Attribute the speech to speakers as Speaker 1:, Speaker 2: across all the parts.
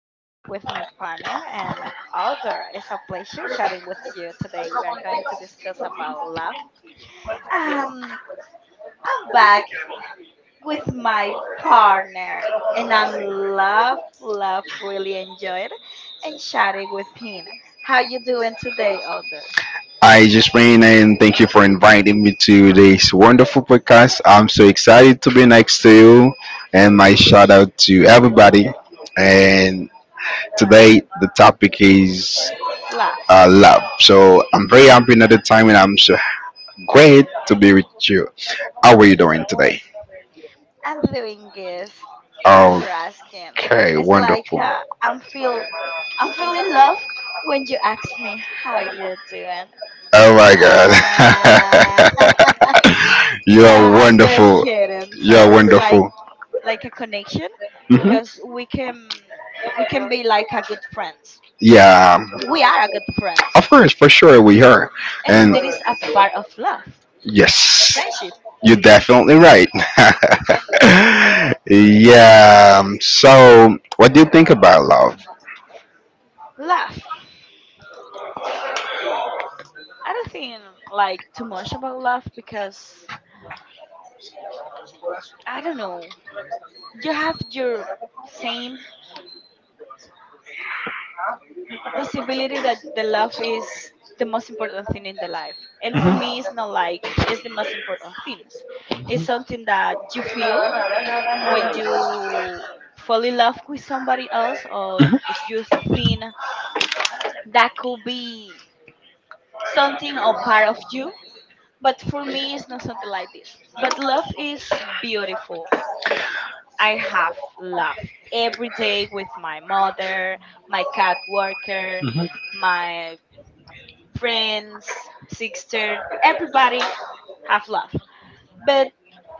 Speaker 1: I'm here with my partner and Alder. It's a pleasure chatting with you today. We are going to discuss about love. Um, I'm back with my partner and I'm really enjoyed and chatting with him. How you doing today, Alder?
Speaker 2: Hi, Jasmine, and thank you for inviting me to this wonderful podcast. I'm so excited to be next to you, and my shout out to everybody. And today, the topic is
Speaker 1: Love.
Speaker 2: love. So I'm very happy another time, and I'm so great to be with you. How are you doing today?
Speaker 1: I'm doing good. Thanks for asking.
Speaker 2: Okay,
Speaker 1: It's
Speaker 2: wonderful.
Speaker 1: like I'm feeling love when you ask me how you're doing.
Speaker 2: Oh my God,
Speaker 1: Ah.
Speaker 2: you
Speaker 1: No,
Speaker 2: are
Speaker 1: I'm just
Speaker 2: wonderful.
Speaker 1: kidding. So
Speaker 2: You're
Speaker 1: it's
Speaker 2: wonderful.
Speaker 1: like a connection
Speaker 2: hmm
Speaker 1: because we can be like a good friends.
Speaker 2: Yeah,
Speaker 1: We are a good friends.
Speaker 2: of course, for sure, we are.
Speaker 1: And
Speaker 2: And
Speaker 1: there is a part of love,
Speaker 2: yes,
Speaker 1: friendship,
Speaker 2: you're definitely right. Yeah. So, what do you think about love?
Speaker 1: love. I don't think like too much about love because I don't know. You have your same possibility that the love is the most important thing in the life, and for me it's not like it's the most important things. It's something that you feel when you fall in love with somebody else, or if you think that could be something or part of you, but for me it's not something like this. But love is beautiful. I have love every day with my mother, my cat Worker,
Speaker 2: Mhm.
Speaker 1: my friends, sister, everybody have love. But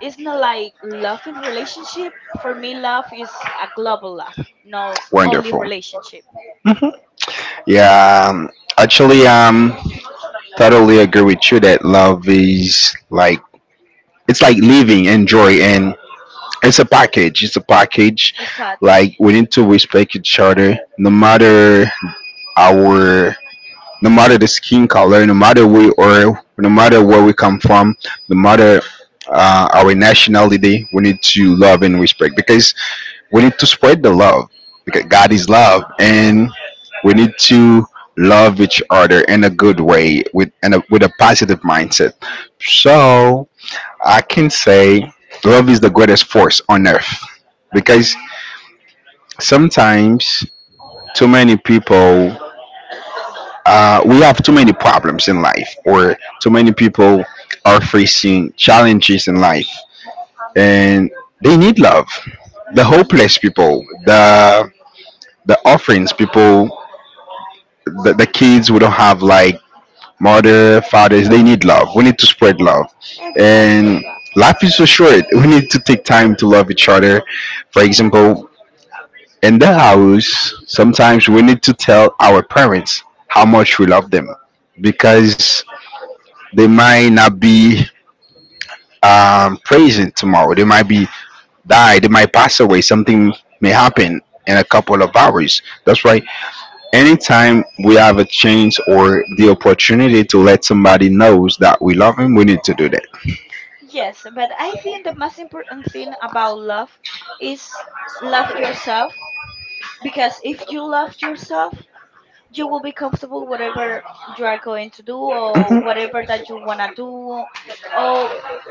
Speaker 1: it's not like love in relationship. For me, love is a global love, not only
Speaker 2: Wonderful.
Speaker 1: relationship.
Speaker 2: hmm Yeah. Actually, totally agree with you that love is like it's like living, enjoy, and joy. It's a package. It's a package.
Speaker 1: Exactly.
Speaker 2: Like we need to respect each other, no matter our, no matter the skin color, no matter we are, no matter where we come from, no matter our nationality. We need to love and respect because we need to spread the love, because God is love, and we need to love each other in a good way, with a positive mindset. So I can say love is the greatest force on earth because
Speaker 1: Mhm.
Speaker 2: sometimes too many people, we have too many problems in life, or too many people are facing challenges in life, and they need love. The
Speaker 1: Mhm.
Speaker 2: hopeless people, the orphans people, the kids who don't have like mother, fathers, they need love. We need to spread love,
Speaker 1: Everybody need
Speaker 2: and
Speaker 1: love.
Speaker 2: life is so short. We need to take time to love each other. For example, in the house, sometimes we need to tell our parents how much we love them because they might not be present tomorrow. They might be died. They might pass away. Something may happen in a couple of hours. That's why anytime we have a chance or the opportunity to let somebody knows that we love him, we need to do that.
Speaker 1: Yes, but I think the most important thing about love is love yourself, because if you love yourself, you will be comfortable whatever you are going to do or
Speaker 2: Mhm.
Speaker 1: whatever that you want to do, or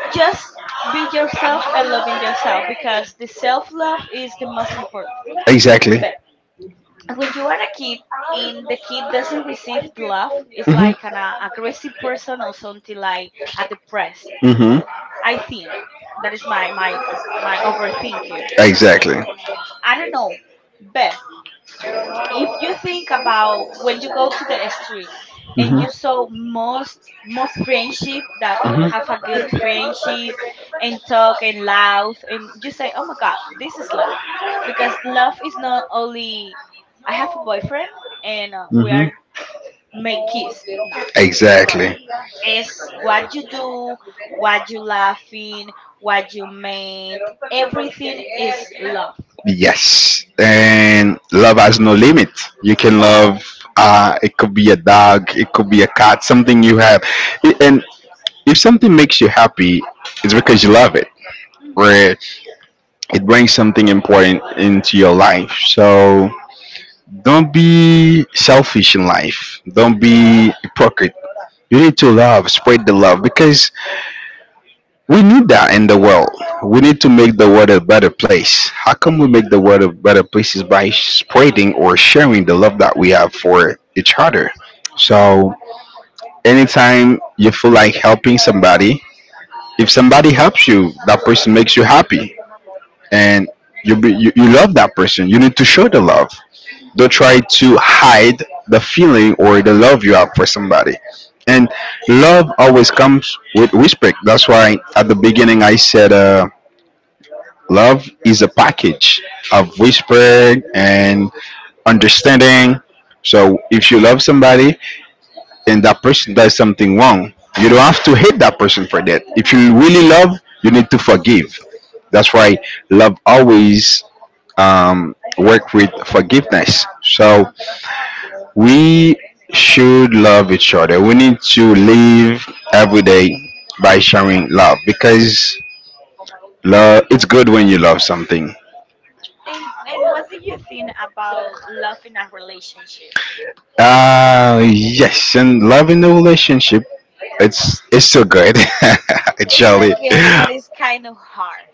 Speaker 1: just be yourself and loving yourself, because the self-love is the most important.
Speaker 2: Exactly.
Speaker 1: But when you are a kid and the kid doesn't receive the love, it's
Speaker 2: Mhm.
Speaker 1: like an aggressive person or something like a depressed.
Speaker 2: Mm-hmm.
Speaker 1: I think that is my my overthinking.
Speaker 2: Exactly.
Speaker 1: I don't know, but if you think about when you go to the street and
Speaker 2: Mm-hmm.
Speaker 1: you saw most most friendship that have a
Speaker 2: Mm-hmm.
Speaker 1: good friendship and talk and laugh, and you say, oh my god, this is love, because love is not only I have a boyfriend and we
Speaker 2: Mm-hmm.
Speaker 1: are make kiss, nah,
Speaker 2: Exactly.
Speaker 1: it's what you do, what you laughing, what you made, everything is love.
Speaker 2: Yes, and love has no limit. You can love.
Speaker 1: No.
Speaker 2: It could be a dog. It could be a cat. Something you have, and if something makes you happy, it's because you love it,
Speaker 1: Hmm.
Speaker 2: where it brings something important into your life. So don't be selfish in life. Don't
Speaker 1: Hmm.
Speaker 2: be hypocrite. You need to love, spread the love because we need that in the world. We need to make the world a better place. How come we make the world a better place is by spreading or sharing the love that we have for each other. So
Speaker 1: Hmm.
Speaker 2: anytime you feel like helping somebody, if somebody helps you, that person makes you happy. And you love that person, you need to show the love.
Speaker 1: Hmm.
Speaker 2: Don't try to hide the feeling or the love you have for somebody. And love always comes with respect. That's why at the beginning I said love is a package of respect and understanding. So if you love somebody and that person does something wrong, you don't have to hate that person for that. If you
Speaker 1: No.
Speaker 2: really love, you need to forgive. That's why love always work with forgiveness. So we should love each other. We need to live every day by showing love because love it's good when you love something.
Speaker 1: and what do you think about love in a relationship?
Speaker 2: Uh, yes, and love in the relationship, it's still good.
Speaker 1: It's a
Speaker 2: Actually.
Speaker 1: good, but it's kind of hard.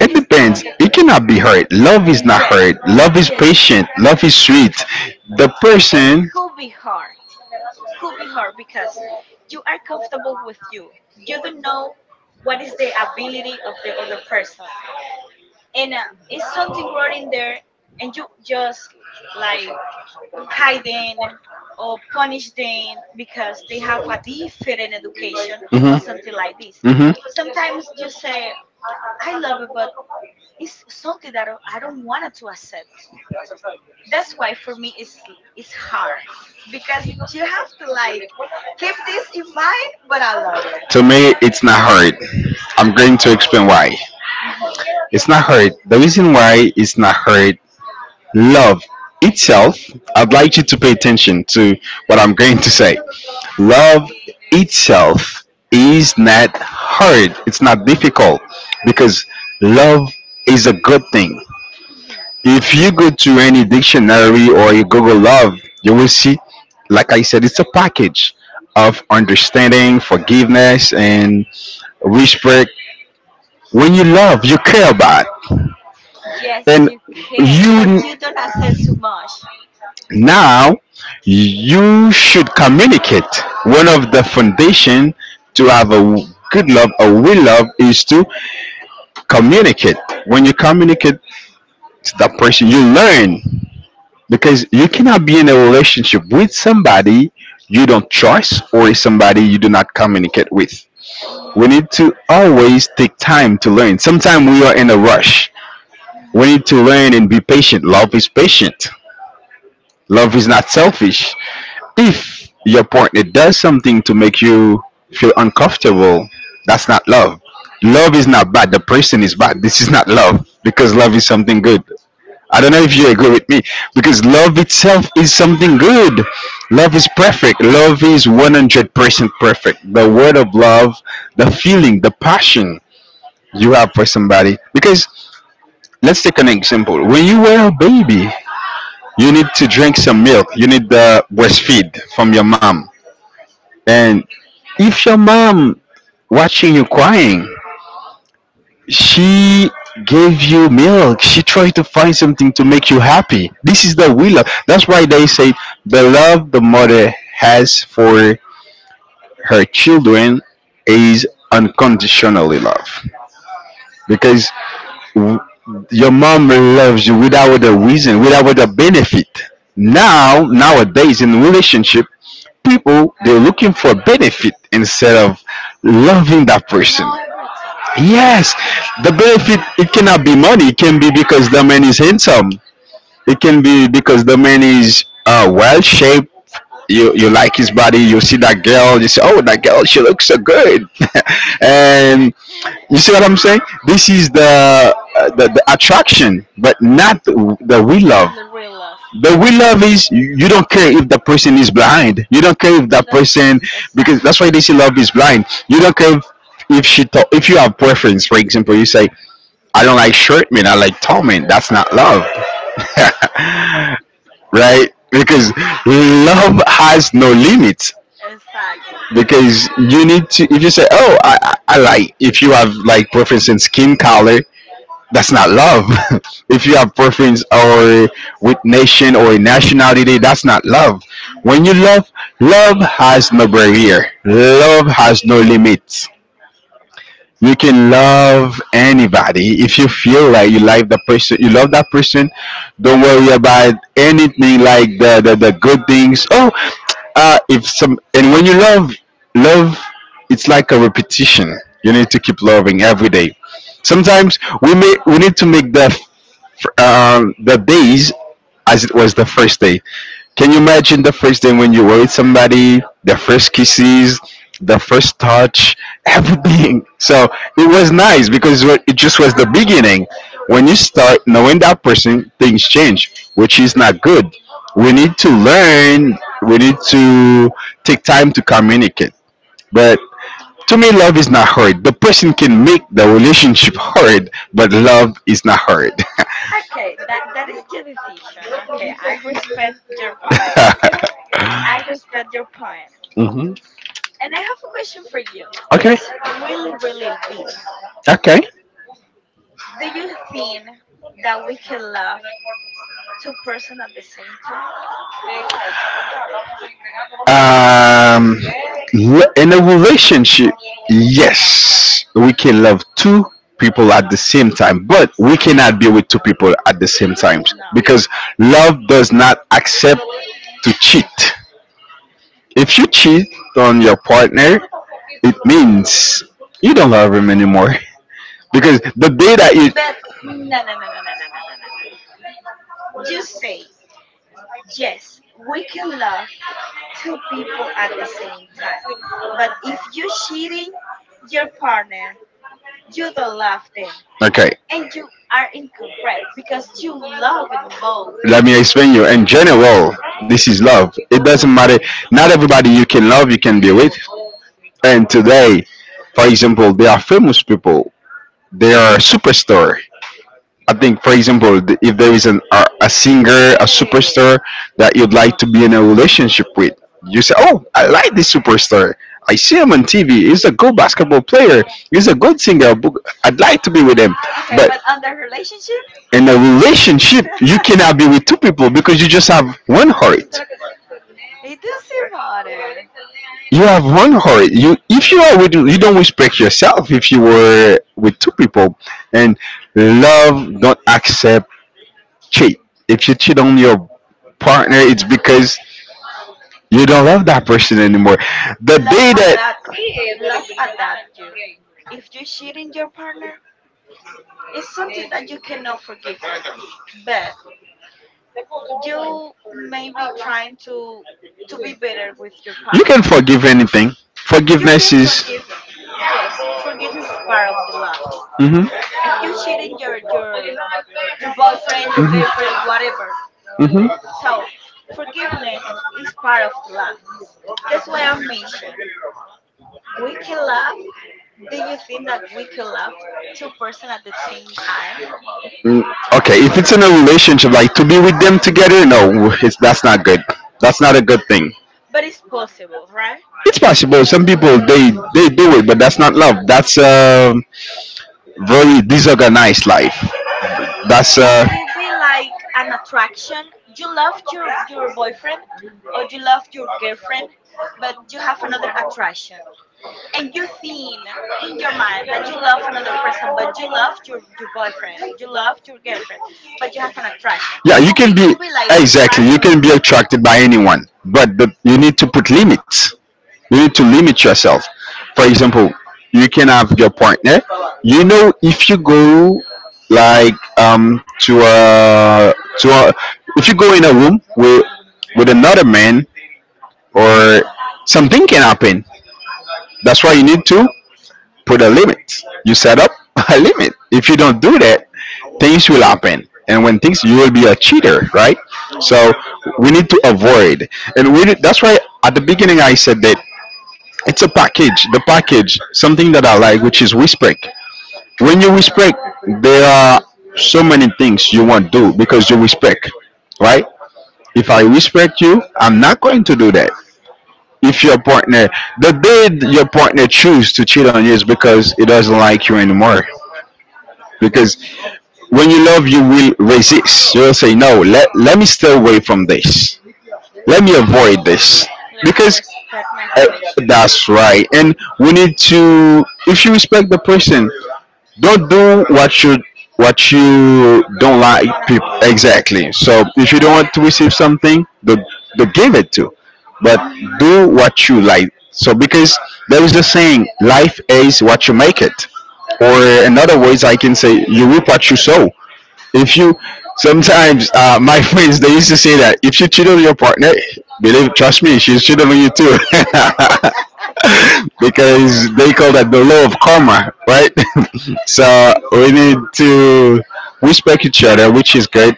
Speaker 2: It
Speaker 1: It's
Speaker 2: depends.
Speaker 1: kind of,
Speaker 2: It cannot be hurt. Love is not
Speaker 1: yes,
Speaker 2: hurt. Love is
Speaker 1: yes,
Speaker 2: patient. Love is sweet. The
Speaker 1: and
Speaker 2: person
Speaker 1: could be hard. Could be hard because you are comfortable with you. You don't know what is the ability of the other person, and it's something wrong in there, and you just like hide them or punish them because they have a different education or something like this. Sometimes you say, I love it, but it's something that I don't want to accept. That's why for me it's hard because you have to like keep this in mind, but I love it.
Speaker 2: it's not hard. I'm going to explain why.
Speaker 1: Mhm.
Speaker 2: It's not hard. The reason why it's not hard. Love itself, I'd like you to pay attention to what I'm going to say. Love itself is not hard, it's not difficult, because love is a good thing.
Speaker 1: Mhm.
Speaker 2: If you go to any dictionary or you google love, you will see, like I said, it's a package of understanding, forgiveness and respect. When you love, you care about.
Speaker 1: Yes,
Speaker 2: Then
Speaker 1: you
Speaker 2: you
Speaker 1: care, but you don't accept too much.
Speaker 2: Now you should communicate. One of the foundation to have a good love, a will love, is to communicate. When you communicate to that person, you learn, because you cannot be in a relationship with somebody you don't trust or somebody you do not communicate with. We
Speaker 1: Mhm.
Speaker 2: need to always take time to learn. Sometimes we are in a rush. We
Speaker 1: Mhm.
Speaker 2: need to learn and be patient. Love is patient. Love is not selfish. If your partner does something to make you feel
Speaker 1: Feel
Speaker 2: uncomfortable, that's not love. Love is not bad. The person is bad. This is not love because love is something good. I don't know if you agree with me, because love itself is something good. Love is perfect. Love is 100% perfect. The word of love, the feeling, the passion you have for somebody. Because let's take an example. When you were a baby, you need to drink some milk, you need the breastfeed from your mom. And if your mom watching you crying, she gave you milk, she tried to find something to make you happy. This is the will of, that's why they say the love the mother has for her children is unconditionally love, because w- your mom loves you without a reason, without a benefit. Nowadays in relationship, people they're looking for benefit instead of loving that person.
Speaker 1: no every time.
Speaker 2: Yes, the benefit, it cannot be money. It can be because the man is handsome. It can be because the man is well shaped. You like his body. You see that girl, you say, oh, that girl, she looks so good. And you see what I'm saying. This is the the attraction, but not the the we
Speaker 1: L-
Speaker 2: love.
Speaker 1: in the real love.
Speaker 2: The real love is you don't care if the person is blind. You don't care if
Speaker 1: You
Speaker 2: that
Speaker 1: don't care
Speaker 2: person, because
Speaker 1: exactly.
Speaker 2: that's why they say love is blind. You don't care if, if you have preference. For example, you say I don't like short men. I like tall men. That's not love, right? Because
Speaker 1: Yeah,
Speaker 2: love has no limits.
Speaker 1: exactly.
Speaker 2: Because you need to, if you say, oh, I like, if you have like preference in skin color, that's not love. If you have preference or with nation or nationality, that's not love. When you love, love has no barrier. Love has no limits. You can love anybody. If you feel like you like the person, you love that person. Don't worry about anything like the good things. Oh, if some, and when you love, love, it's like a repetition. You need to keep loving every day. Sometimes we may, we need to make the the days as it was the first day. Can you imagine the first day when you were with somebody, the first kisses, the first touch, everything? So it was nice because it just was the beginning. When you start knowing that person, things change, which is not good. We need to learn, we need to take time to communicate. But to me, love is not hard. The person can make the relationship hard, but love is not hard.
Speaker 1: Okay, that that is your decision. Okay, I respect your point. I respect your point.
Speaker 2: hmm
Speaker 1: And I have a question for you.
Speaker 2: Okay.
Speaker 1: It's really, really deep.
Speaker 2: Okay.
Speaker 1: Do you think that we can love two person at the same time?
Speaker 2: Um, in a relationship, yes, we can love two people at the same time, but we cannot be with two people at the same time
Speaker 1: No.
Speaker 2: because love does not accept to cheat. If you cheat on your partner, it means you don't love him anymore because the day that you.
Speaker 1: But no no no no no no no no no no. Just say yes, we can love two people at the same time. But if you're cheating your partner, you don't love them.
Speaker 2: Okay.
Speaker 1: And you are
Speaker 2: Right.
Speaker 1: incorrect because you
Speaker 2: You love
Speaker 1: love
Speaker 2: the
Speaker 1: in
Speaker 2: most.
Speaker 1: both.
Speaker 2: Let me explain you. In general, this is love. It doesn't matter. Not everybody you can love, you can be with. And today, for example, there are famous people. They are superstar. I think, for example, if there is a singer, a superstar that you'd like to be in a relationship with, you say, "Oh, I like this superstar. I see him on TV. He's a good basketball player. He's a good singer. I'd like to be with him."
Speaker 1: Okay, but
Speaker 2: But
Speaker 1: under relationship,
Speaker 2: in a relationship you cannot be with two people because you just have one heart.
Speaker 1: it doesn't matter.
Speaker 2: You have one heart. You, are with, you don't respect yourself if you were with two people. And love don't accept cheat. If you cheat on your partner, it's because you don't love that person anymore. The
Speaker 1: Love
Speaker 2: day
Speaker 1: at
Speaker 2: that,
Speaker 1: that. Love at that you. If you're cheating your partner, it's something that you cannot forgive them, but you may be trying to be better with your
Speaker 2: you can
Speaker 1: partner.
Speaker 2: forgive anything. You
Speaker 1: You
Speaker 2: Forgiveness
Speaker 1: can
Speaker 2: is.
Speaker 1: forgive. Yes, forgiveness is part of the love.
Speaker 2: Mhm.
Speaker 1: If you're cheating your your boyfriend, your girlfriend,
Speaker 2: Mhm.
Speaker 1: whatever,
Speaker 2: Mhm.
Speaker 1: so forgiveness is part of the love. That's why I mentioned we can love. Do you think that we can love two person at the same time?
Speaker 2: Mm, okay, if it's in a relationship, like to be with them together, no, it's, that's not good. That's not a good thing.
Speaker 1: But it's possible, right?
Speaker 2: It's possible. Some people they do it, but that's not love. That's very disorganized life. That's
Speaker 1: Could be
Speaker 2: like,
Speaker 1: like an attraction. You love your boyfriend, or you love your girlfriend, but you have another attraction, and you think in your mind that you love another person, but you love your boyfriend, you love your girlfriend, but you have an attraction.
Speaker 2: yeah, you
Speaker 1: Could be,
Speaker 2: can be,
Speaker 1: could be like this,
Speaker 2: exactly,
Speaker 1: right?
Speaker 2: you can be attracted by anyone, but you need to put limits. You need to limit yourself. For example, you can have your partner. You know if you go, like, to a if you go in a room with another man, or something can happen. That's why you need to put a limit. You set up a limit. If you don't do that, things will happen. And when things, you will be a cheater, right? So
Speaker 1: Hmm.
Speaker 2: we need to avoid. And that's why at the beginning I said that it's a package. The package, something that I like, which is respect. When you respect, there are so many things you won't do because you respect, right? If I respect you, I'm not going to do that. If your partner, the day your partner choose to cheat on you is because it doesn't like you anymore, because when you love, you will resist, you'll say no, let me stay away from this, let me avoid this,
Speaker 1: Let me
Speaker 2: because
Speaker 1: respect my
Speaker 2: uh,
Speaker 1: relationship.
Speaker 2: that's right. And we need to, if you respect the person, don't do what you don't
Speaker 1: Don't
Speaker 2: like
Speaker 1: want to
Speaker 2: people,
Speaker 1: receive.
Speaker 2: exactly. So if you don't want to receive something, don't give it to, but
Speaker 1: Hmm.
Speaker 2: do what you like, so because there is the saying, life is what you make it, or in other words, I can say you reap what you sow. If you sometimes, my friends they used to say that if you cheat on your partner, believe trust me, she's cheating on you too, because they call that the law of karma, right? So we need to respect each other, which is good.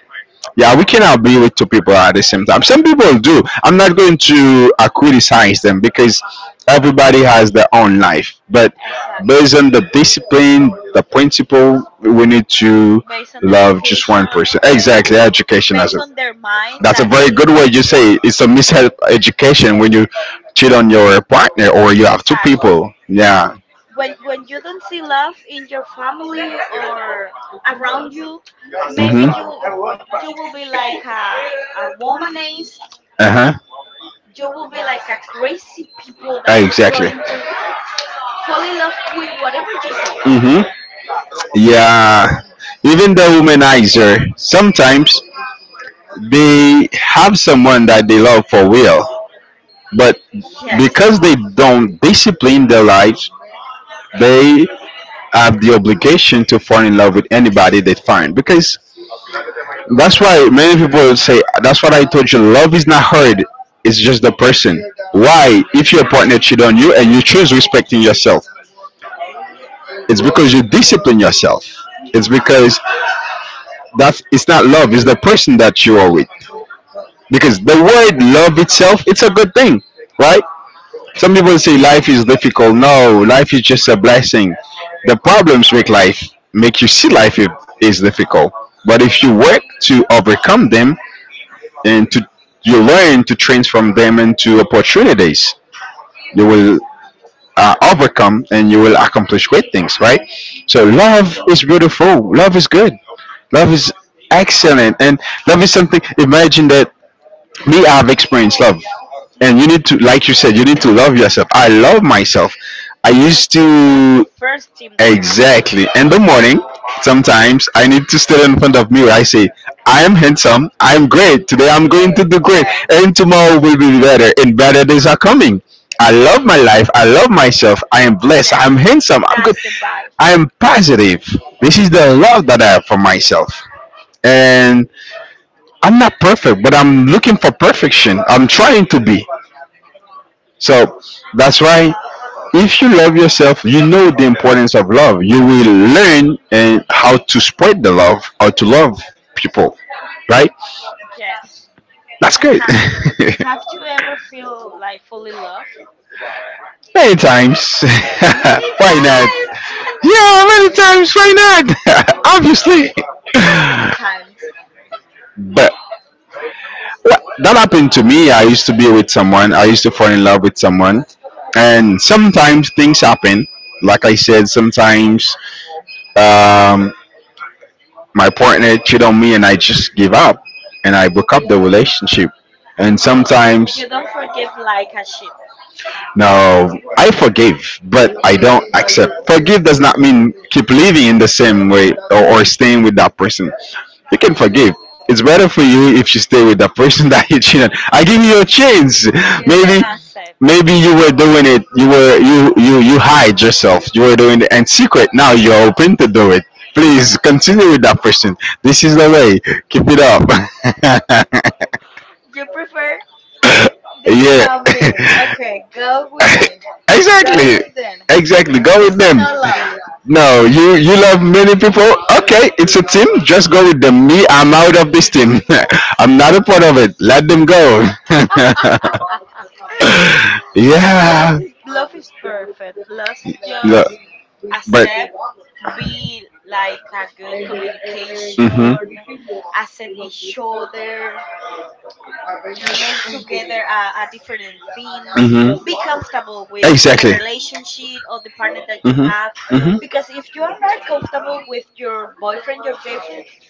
Speaker 2: Yeah, we cannot be with two people at the same time. Some people do. I'm not going to criticize them because everybody has their own life. But
Speaker 1: Exactly.
Speaker 2: based on the discipline, the principle,
Speaker 1: Based,
Speaker 2: we need to
Speaker 1: based on the
Speaker 2: love just one
Speaker 1: education,
Speaker 2: person.
Speaker 1: based
Speaker 2: Exactly, education as
Speaker 1: based
Speaker 2: a,
Speaker 1: on their mind
Speaker 2: that's a
Speaker 1: that
Speaker 2: very
Speaker 1: they
Speaker 2: good way
Speaker 1: think
Speaker 2: you
Speaker 1: here.
Speaker 2: say it. It's a mishealth education when you cheat on your partner or you have two
Speaker 1: Exactly.
Speaker 2: people. Yeah.
Speaker 1: When you don't see love in your family or around you, maybe
Speaker 2: Mm-hmm.
Speaker 1: you you will be like a womanist.
Speaker 2: Uh huh.
Speaker 1: You will be like a crazy people that is
Speaker 2: Exactly.
Speaker 1: going to fall in love with whatever you see.
Speaker 2: Mm-hmm. Yeah, even the womanizer, sometimes they have someone that they love for real, but
Speaker 1: Yes.
Speaker 2: because they don't discipline their lives, they have the obligation to fall in love with anybody they find. Because that's why many people say, that's what I told you, love is not hard, it's just the person. Why? If your partner cheat on you and you choose respecting yourself, it's because you discipline yourself. It's because that's it's not love, it's the person that you are with, because the word love itself, it's a good thing, right? Some people say life is difficult. No, life is just a blessing. The problems make life, make you see life is difficult, but if you work to overcome them, and to, you learn to transform them into opportunities, you will overcome and you will accomplish great things, right? So
Speaker 1: Yes.
Speaker 2: love is beautiful, love is good, love is excellent, and love is something. Imagine that, me, I've experienced love, and you
Speaker 1: Hmm.
Speaker 2: need to, like you said, you need to love yourself. I love myself. I used
Speaker 1: Of course, that's the
Speaker 2: to,
Speaker 1: first thing that you have to do.
Speaker 2: exactly, in the morning sometimes I need to stand in front of mirror. I say, I am handsome, I'm great today,
Speaker 1: I'm
Speaker 2: I'm going to
Speaker 1: great.
Speaker 2: do great,
Speaker 1: Yes.
Speaker 2: and tomorrow will be better, and better days are coming. I love my life, I love myself, I am blessed,
Speaker 1: Yes.
Speaker 2: I'm handsome, I'm good,
Speaker 1: That's the vibe.
Speaker 2: I am positive. This is the love that I have for myself, and I'm not perfect, but I'm looking for perfection. I'm trying to be. So that's why, if you love yourself, you know the importance of love. You will learn and how to spread the love, how to love people, right?
Speaker 1: Yes.
Speaker 2: That's
Speaker 1: And
Speaker 2: great.
Speaker 1: have you ever feel like fully love?
Speaker 2: Many times.
Speaker 1: Many
Speaker 2: Why not?
Speaker 1: times.
Speaker 2: Yeah, many times. Why not? Obviously.
Speaker 1: How many times?
Speaker 2: But, well, that happened to me. I used to be with someone. I used to fall in love with someone, and sometimes things happen. Like I said, sometimes, um, my partner cheated on me, and I just give up, and I broke up the relationship. And
Speaker 1: Oh,
Speaker 2: sometimes,
Speaker 1: you don't forgive like a shit.
Speaker 2: no, I forgive, but I don't accept. Forgive does not mean keep living in the
Speaker 1: Accept.
Speaker 2: same way, or staying with that person. You can forgive. It's better for you if you stay with the person that you cheated. I give you a chance.
Speaker 1: You don't
Speaker 2: Maybe,
Speaker 1: accept.
Speaker 2: maybe you were doing it. You were you you you hide yourself. You were doing it and secret. Now you're open to do it. Please continue with that person. This is the way. Keep it up.
Speaker 1: You prefer this
Speaker 2: Yeah.
Speaker 1: than me. Okay, go with it. Go
Speaker 2: Exactly.
Speaker 1: with it.
Speaker 2: Exactly. Go
Speaker 1: This
Speaker 2: with
Speaker 1: is
Speaker 2: them.
Speaker 1: not love.
Speaker 2: No, you love many people. Okay, it's a team. Just go with them. Me, I'm out of this team. I'm not a part of it. Let them go.
Speaker 1: But
Speaker 2: Yeah.
Speaker 1: love is perfect. Love is
Speaker 2: No,
Speaker 1: just
Speaker 2: but.
Speaker 1: accept, be like a good
Speaker 2: Mhm.
Speaker 1: communication, accept each other, make together different things,
Speaker 2: Mhm.
Speaker 1: be comfortable with the
Speaker 2: Exactly.
Speaker 1: relationship or the partner that you
Speaker 2: Mhm.
Speaker 1: have,
Speaker 2: Mhm.
Speaker 1: because if you are not comfortable with your boyfriend, your girlfriend,
Speaker 2: Mhm.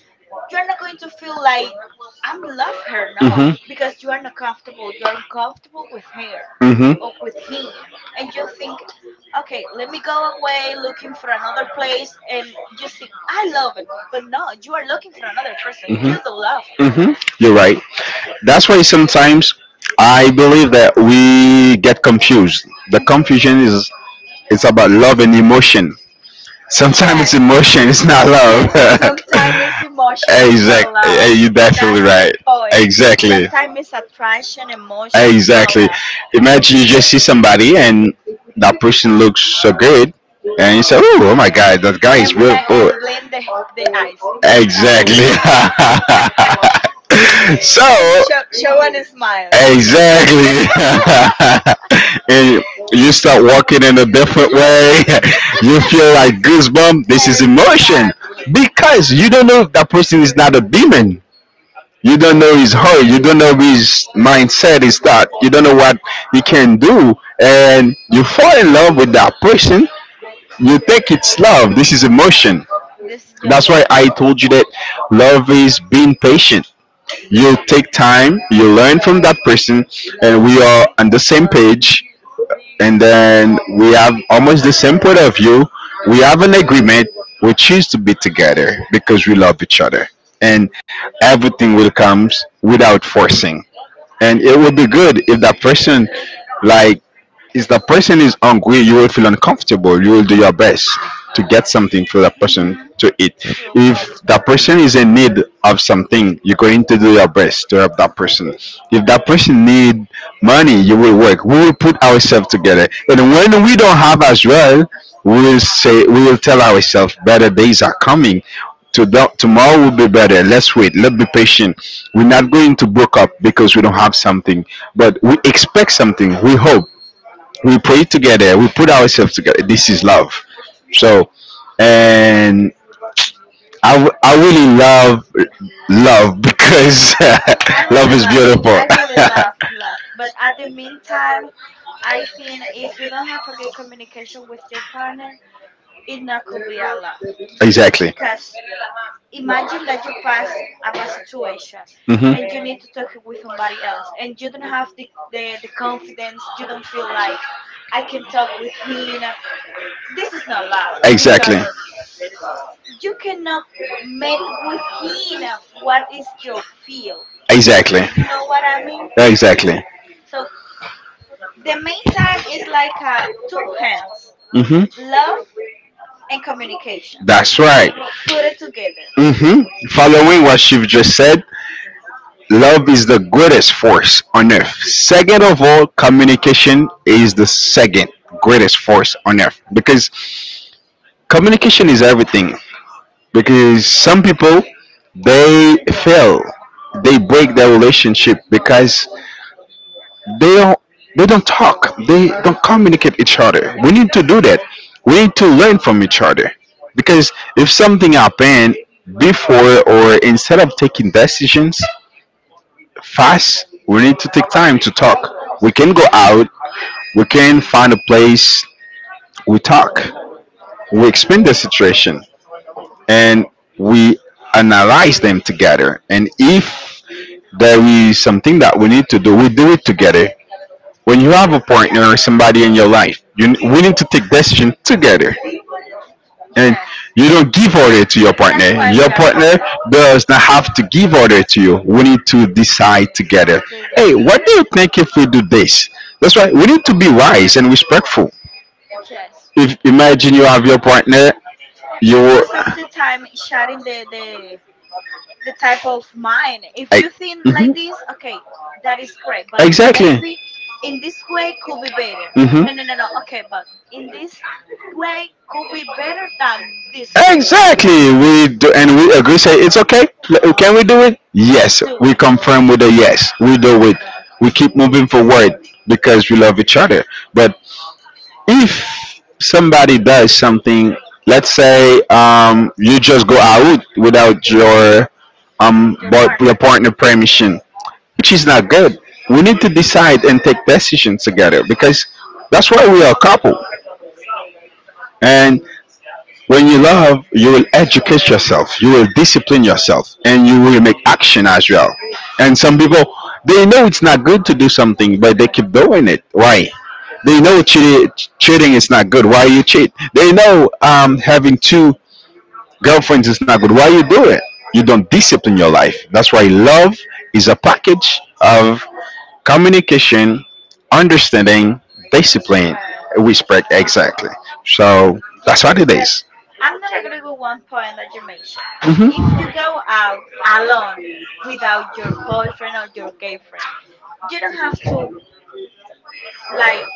Speaker 1: you're not going to feel like I'm love her,
Speaker 2: Mhm.
Speaker 1: no,
Speaker 2: Mhm.
Speaker 1: because you are not comfortable, you are uncomfortable with her
Speaker 2: Mhm.
Speaker 1: or with him, and you think, okay, let me go away looking for another place, and you think I love it, but no, you are looking for another person, you don't love her.
Speaker 2: You're right. That's why sometimes I believe that we get confused. The
Speaker 1: Mhm.
Speaker 2: confusion is, it's about love and emotion. Sometimes it's, exactly,
Speaker 1: Yes,
Speaker 2: emotion, it's not
Speaker 1: yes,
Speaker 2: love.
Speaker 1: sometimes emotion is not
Speaker 2: Exactly.
Speaker 1: love.
Speaker 2: Yeah, you're definitely,
Speaker 1: That's the
Speaker 2: that's the right point.
Speaker 1: point.
Speaker 2: Exactly.
Speaker 1: Sometimes it's attraction, emotion, not
Speaker 2: Exactly.
Speaker 1: love.
Speaker 2: Imagine you just see somebody, and that person looks so good, and you say, "Oh, oh my God, that guy is
Speaker 1: And
Speaker 2: real."
Speaker 1: blend
Speaker 2: Oh,
Speaker 1: and blend the eyes like,
Speaker 2: exactly.
Speaker 1: and
Speaker 2: So,
Speaker 1: show show one smile.
Speaker 2: exactly, and you start walking in a different
Speaker 1: Yes,
Speaker 2: way. You feel like goosebump. This is emotion,
Speaker 1: exactly.
Speaker 2: because you don't know if that person is not a demon. You don't know his heart. You don't know his mindset,
Speaker 1: His
Speaker 2: his
Speaker 1: mu-
Speaker 2: thought. You don't know what he can do. And you fall in love with that person. You think it's love. This is emotion.
Speaker 1: this just
Speaker 2: That's
Speaker 1: a
Speaker 2: why I
Speaker 1: mushroom.
Speaker 2: told you that love is being patient. You take time, you learn from that person, and we are on the same page, and then we have almost the same point of view. We have an agreement. We choose to be together because we love each other, and everything will comes without forcing. And it will be good if that person, like, if the person is hungry, you will feel uncomfortable. You will do your best to get something for the person
Speaker 1: Hmm.
Speaker 2: to eat.
Speaker 1: Feel
Speaker 2: If the
Speaker 1: comfortable.
Speaker 2: person is in need of something, you're going to do your best to help that person. If that person need money, you will work. We will put ourselves together. And when we don't have as well, we will say, we will tell ourselves better days are coming. Today, tomorrow will be better. Let's wait. Let's be patient. We're not going to book up because we don't have something, but we expect something. We hope, we pray together, we put
Speaker 1: Yes,
Speaker 2: ourselves together, this is love, so, and I really love love because
Speaker 1: I
Speaker 2: love
Speaker 1: really
Speaker 2: is
Speaker 1: love, I
Speaker 2: beautiful.
Speaker 1: really love, love. But at the meantime, I think if you don't have a good communication with your partner, it not could be a love.
Speaker 2: Exactly.
Speaker 1: Cause imagine that you pass a bad situation, and you need
Speaker 2: Hmm.
Speaker 1: to talk it with somebody else, and you don't have the confidence. You don't feel like I can talk with him. This is not love
Speaker 2: Exactly.
Speaker 1: because you cannot meet with him what is your feel.
Speaker 2: Exactly.
Speaker 1: You know what I mean?
Speaker 2: Exactly.
Speaker 1: So the main time is like a two hands,
Speaker 2: Mm-hmm.
Speaker 1: love and communication.
Speaker 2: That's right.
Speaker 1: Put it together.
Speaker 2: Hmm. Following what you've just said, love is the greatest force on earth. Second of all, communication is the second greatest force on earth, because communication is everything. Because some people, they fail, they break their relationship because they don't they don't talk, they don't communicate each other. We need to do that. We need to learn from each other, because if something happened, before or instead of taking decisions fast, we need to take time to talk. We can go out, we can find a place, we talk, we explain the situation, and we analyze them together. And if there is something that we need to do, we do it together. When you have a partner or somebody in your life, you we need to take decision together, and
Speaker 1: Yes.
Speaker 2: you don't give order to your
Speaker 1: That's
Speaker 2: partner.
Speaker 1: why
Speaker 2: Your
Speaker 1: we are
Speaker 2: partner
Speaker 1: partner
Speaker 2: does not have to give order to you. We need to decide together. Hey,
Speaker 1: together.
Speaker 2: what do you think if we do this? That's right. We need to be wise and respectful.
Speaker 1: Yes.
Speaker 2: If imagine you have your partner,
Speaker 1: And
Speaker 2: you
Speaker 1: most of the time sharing the type of
Speaker 2: I-
Speaker 1: mind. If you think like this,
Speaker 2: Mhm.
Speaker 1: okay, that is great. But
Speaker 2: Exactly.
Speaker 1: maybe in this way could be better.
Speaker 2: Mhm.
Speaker 1: No, no, no, no. Okay, but in this way could be better than this way.
Speaker 2: Exactly. We do, and we agree. Say it's okay. Can we do it?
Speaker 1: Let's
Speaker 2: Yes.
Speaker 1: do
Speaker 2: We
Speaker 1: it.
Speaker 2: confirm with a yes. We do it. We keep moving forward because we love each other. But if somebody does something, let's say, you just go out without your
Speaker 1: Your
Speaker 2: your
Speaker 1: partner.
Speaker 2: partner permission, which is not good. We need to decide and take decisions together, because that's why we are a couple. When you love, you will educate yourself, you will discipline yourself, and you will make action as well. And some people, they know it's not good to do something, but they keep doing it. Why? They know cheating is not good. Why you cheat? They know, having two girlfriends is not good. Why you do it? You don't discipline your life. That's why love is a package of communication, understanding, discipline,
Speaker 1: Respect.
Speaker 2: respect. Exactly. So that's
Speaker 1: Yes,
Speaker 2: what it
Speaker 1: but
Speaker 2: is.
Speaker 1: I'm not agree with one point that you mentioned. If you
Speaker 2: Mm-hmm.
Speaker 1: go out alone without your boyfriend or your girlfriend, you don't have to like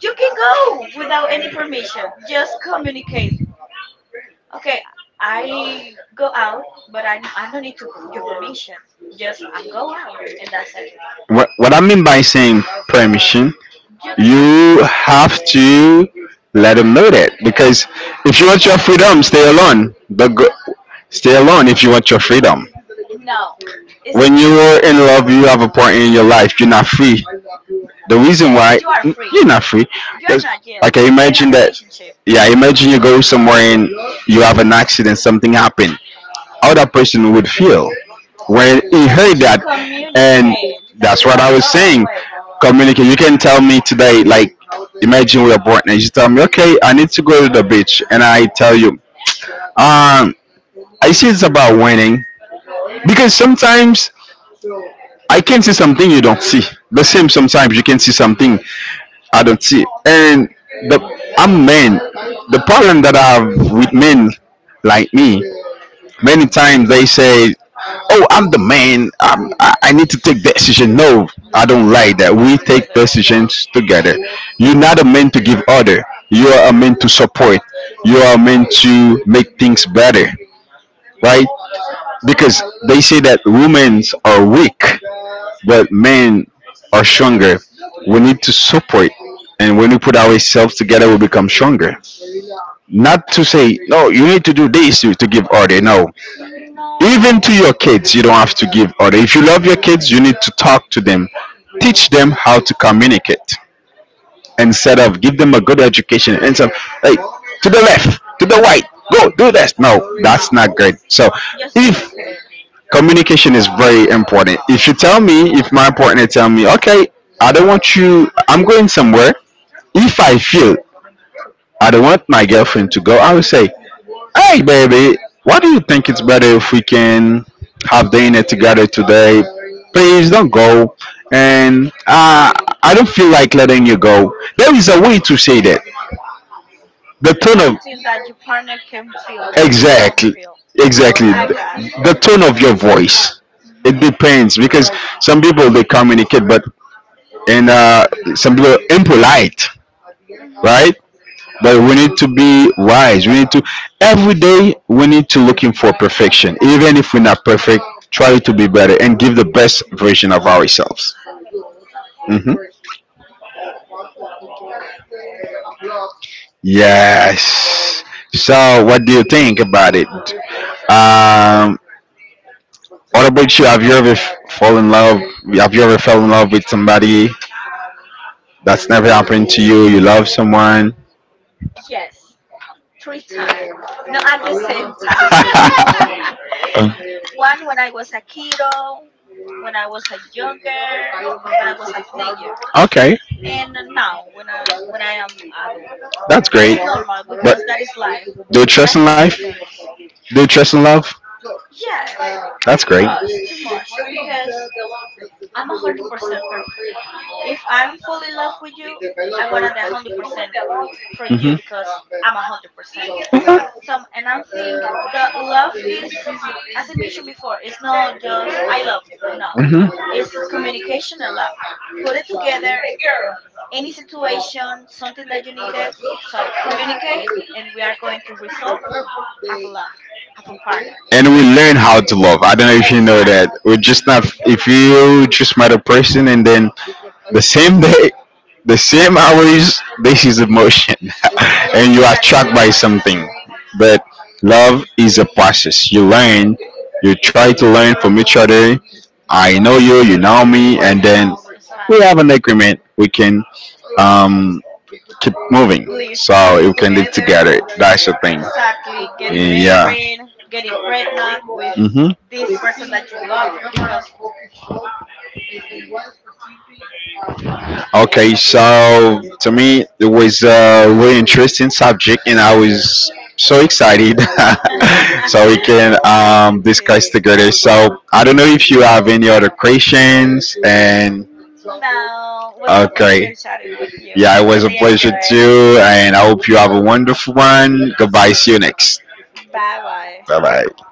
Speaker 1: you can go without any permission. Just communicate. Okay, I go out, but I don't need to per- your permission. Just I'm go out and that's it.
Speaker 2: What I mean by saying permission,
Speaker 1: You don't have to.
Speaker 2: you have to let them know, that because if you want your
Speaker 1: Yes,
Speaker 2: freedom, stay alone. But go, stay alone if you want your freedom.
Speaker 1: no, it's
Speaker 2: When you are in love, you have a partner in your life. You're not free. The reason
Speaker 1: yes,
Speaker 2: why, you
Speaker 1: you
Speaker 2: are
Speaker 1: are
Speaker 2: free,
Speaker 1: free.
Speaker 2: you're not free. You're,
Speaker 1: You are
Speaker 2: that's not
Speaker 1: not
Speaker 2: you.
Speaker 1: jail.
Speaker 2: Like, I you're
Speaker 1: You're in a
Speaker 2: imagine a that relationship.
Speaker 1: relationship,
Speaker 2: Yeah, imagine you go somewhere and you have an accident, something happened. How that person would feel when he
Speaker 1: but
Speaker 2: heard
Speaker 1: you
Speaker 2: that, and
Speaker 1: communicate that
Speaker 2: that's
Speaker 1: you
Speaker 2: what
Speaker 1: are
Speaker 2: I
Speaker 1: go
Speaker 2: was saying.
Speaker 1: away.
Speaker 2: Communicate. You can tell me today, like imagine we're born, and you tell me, okay, I need to go to the beach, and I tell you, um, I see it's about winning because sometimes I can see something you don't see. The same sometimes you can see something I don't see. And the I'm men. The problem that I have with men like me, many times they say, "Oh, I'm the man. I need to take decision." No, I
Speaker 1: No.
Speaker 2: don't like that.
Speaker 1: It's
Speaker 2: We take
Speaker 1: together.
Speaker 2: decisions together. You're not a man to give order. You are a man to support. You are a man to make things better, right? Because they say that women are weak, but men are stronger. We need to support, and when we put ourselves together, we become stronger. Not to say, no, you need to do this to give order. No, even to your kids, you don't have to give order. If you love your kids, you need to
Speaker 1: No,
Speaker 2: talk to them, teach them how to communicate instead of give them a good education and some, like, to the left, to the right, go do this. No, that's
Speaker 1: no,
Speaker 2: not good. So
Speaker 1: just
Speaker 2: if
Speaker 1: educate.
Speaker 2: communication is very important. If you tell me, if my partner tell me, okay, I don't want you, I'm going somewhere. If I feel I don't want my girlfriend to go, I will say, hey, baby, why do you think it's better if we can have dinner together today? Please don't go. And I don't feel like letting you go. There is a way to say that, the
Speaker 1: It's
Speaker 2: tone of.
Speaker 1: something that your partner can feel that you don't
Speaker 2: Exactly.
Speaker 1: feel.
Speaker 2: Exactly,
Speaker 1: I got
Speaker 2: the,
Speaker 1: it.
Speaker 2: the tone of your voice. It
Speaker 1: Mhm.
Speaker 2: depends because some people they communicate but and some people impolite,
Speaker 1: Mhm.
Speaker 2: right? But we need to be wise, we need to, every day we need to looking for perfection even if we're not perfect. Try to be better and give the best version of ourselves. Hmm. Yes. So what do you think about it? um What about you? Have you ever fall in love? Have you ever fell in love with somebody? That's never happened to you? You love someone?
Speaker 1: Yes. Three times. Not at the same time. One when I was a kiddo, when I was a younger, when I was a teenager,
Speaker 2: Okay,
Speaker 1: and now when I am adult.
Speaker 2: that's great.
Speaker 1: It's normal
Speaker 2: But
Speaker 1: because that is life.
Speaker 2: do you trust
Speaker 1: That's
Speaker 2: in
Speaker 1: the
Speaker 2: life? Do
Speaker 1: sequence.
Speaker 2: you trust in love?
Speaker 1: Yes, I
Speaker 2: That's great.
Speaker 1: trust too much because I'm 100% person. If I'm fully in love with you, I want 100% from you
Speaker 2: Hmm.
Speaker 1: because I'm 100%. So, and I think the love is, as I mentioned before, it's not just I love you. No, it's communication and love. Put it together. Any situation, something that you needed. So communicate, and we are going to resolve. Have a laugh. Have a partner.
Speaker 2: And we learn how to love. I don't know if you know that.
Speaker 1: Exactly.
Speaker 2: We're just not. If you just met a person and then the same day, the same hours, this is emotion, and
Speaker 1: Yes,
Speaker 2: you are
Speaker 1: that is
Speaker 2: attracted by
Speaker 1: emotion.
Speaker 2: something. But love is a process. You learn. You try to learn from each other. I know you. You know me, and
Speaker 1: You
Speaker 2: then
Speaker 1: know me,
Speaker 2: we
Speaker 1: sadly.
Speaker 2: have an agreement. We can um keep moving
Speaker 1: Live, live
Speaker 2: so we can live
Speaker 1: together.
Speaker 2: together. That's the thing.
Speaker 1: Sadly, getting
Speaker 2: Yeah.
Speaker 1: married, getting pregnant with
Speaker 2: Hmm.
Speaker 1: this person that you love because
Speaker 2: Okay, so to me, it was a really interesting subject, and I was so excited so we can
Speaker 1: I did
Speaker 2: discuss
Speaker 1: too.
Speaker 2: together. So I don't know if you have any other questions, and
Speaker 1: No, it was a pleasure
Speaker 2: okay,
Speaker 1: chatting with you.
Speaker 2: yeah,
Speaker 1: I
Speaker 2: it was a
Speaker 1: really
Speaker 2: pleasure
Speaker 1: enjoy it.
Speaker 2: too, and I hope you have a wonderful one. Goodbye, see you next.
Speaker 1: Bye bye.
Speaker 2: Bye bye.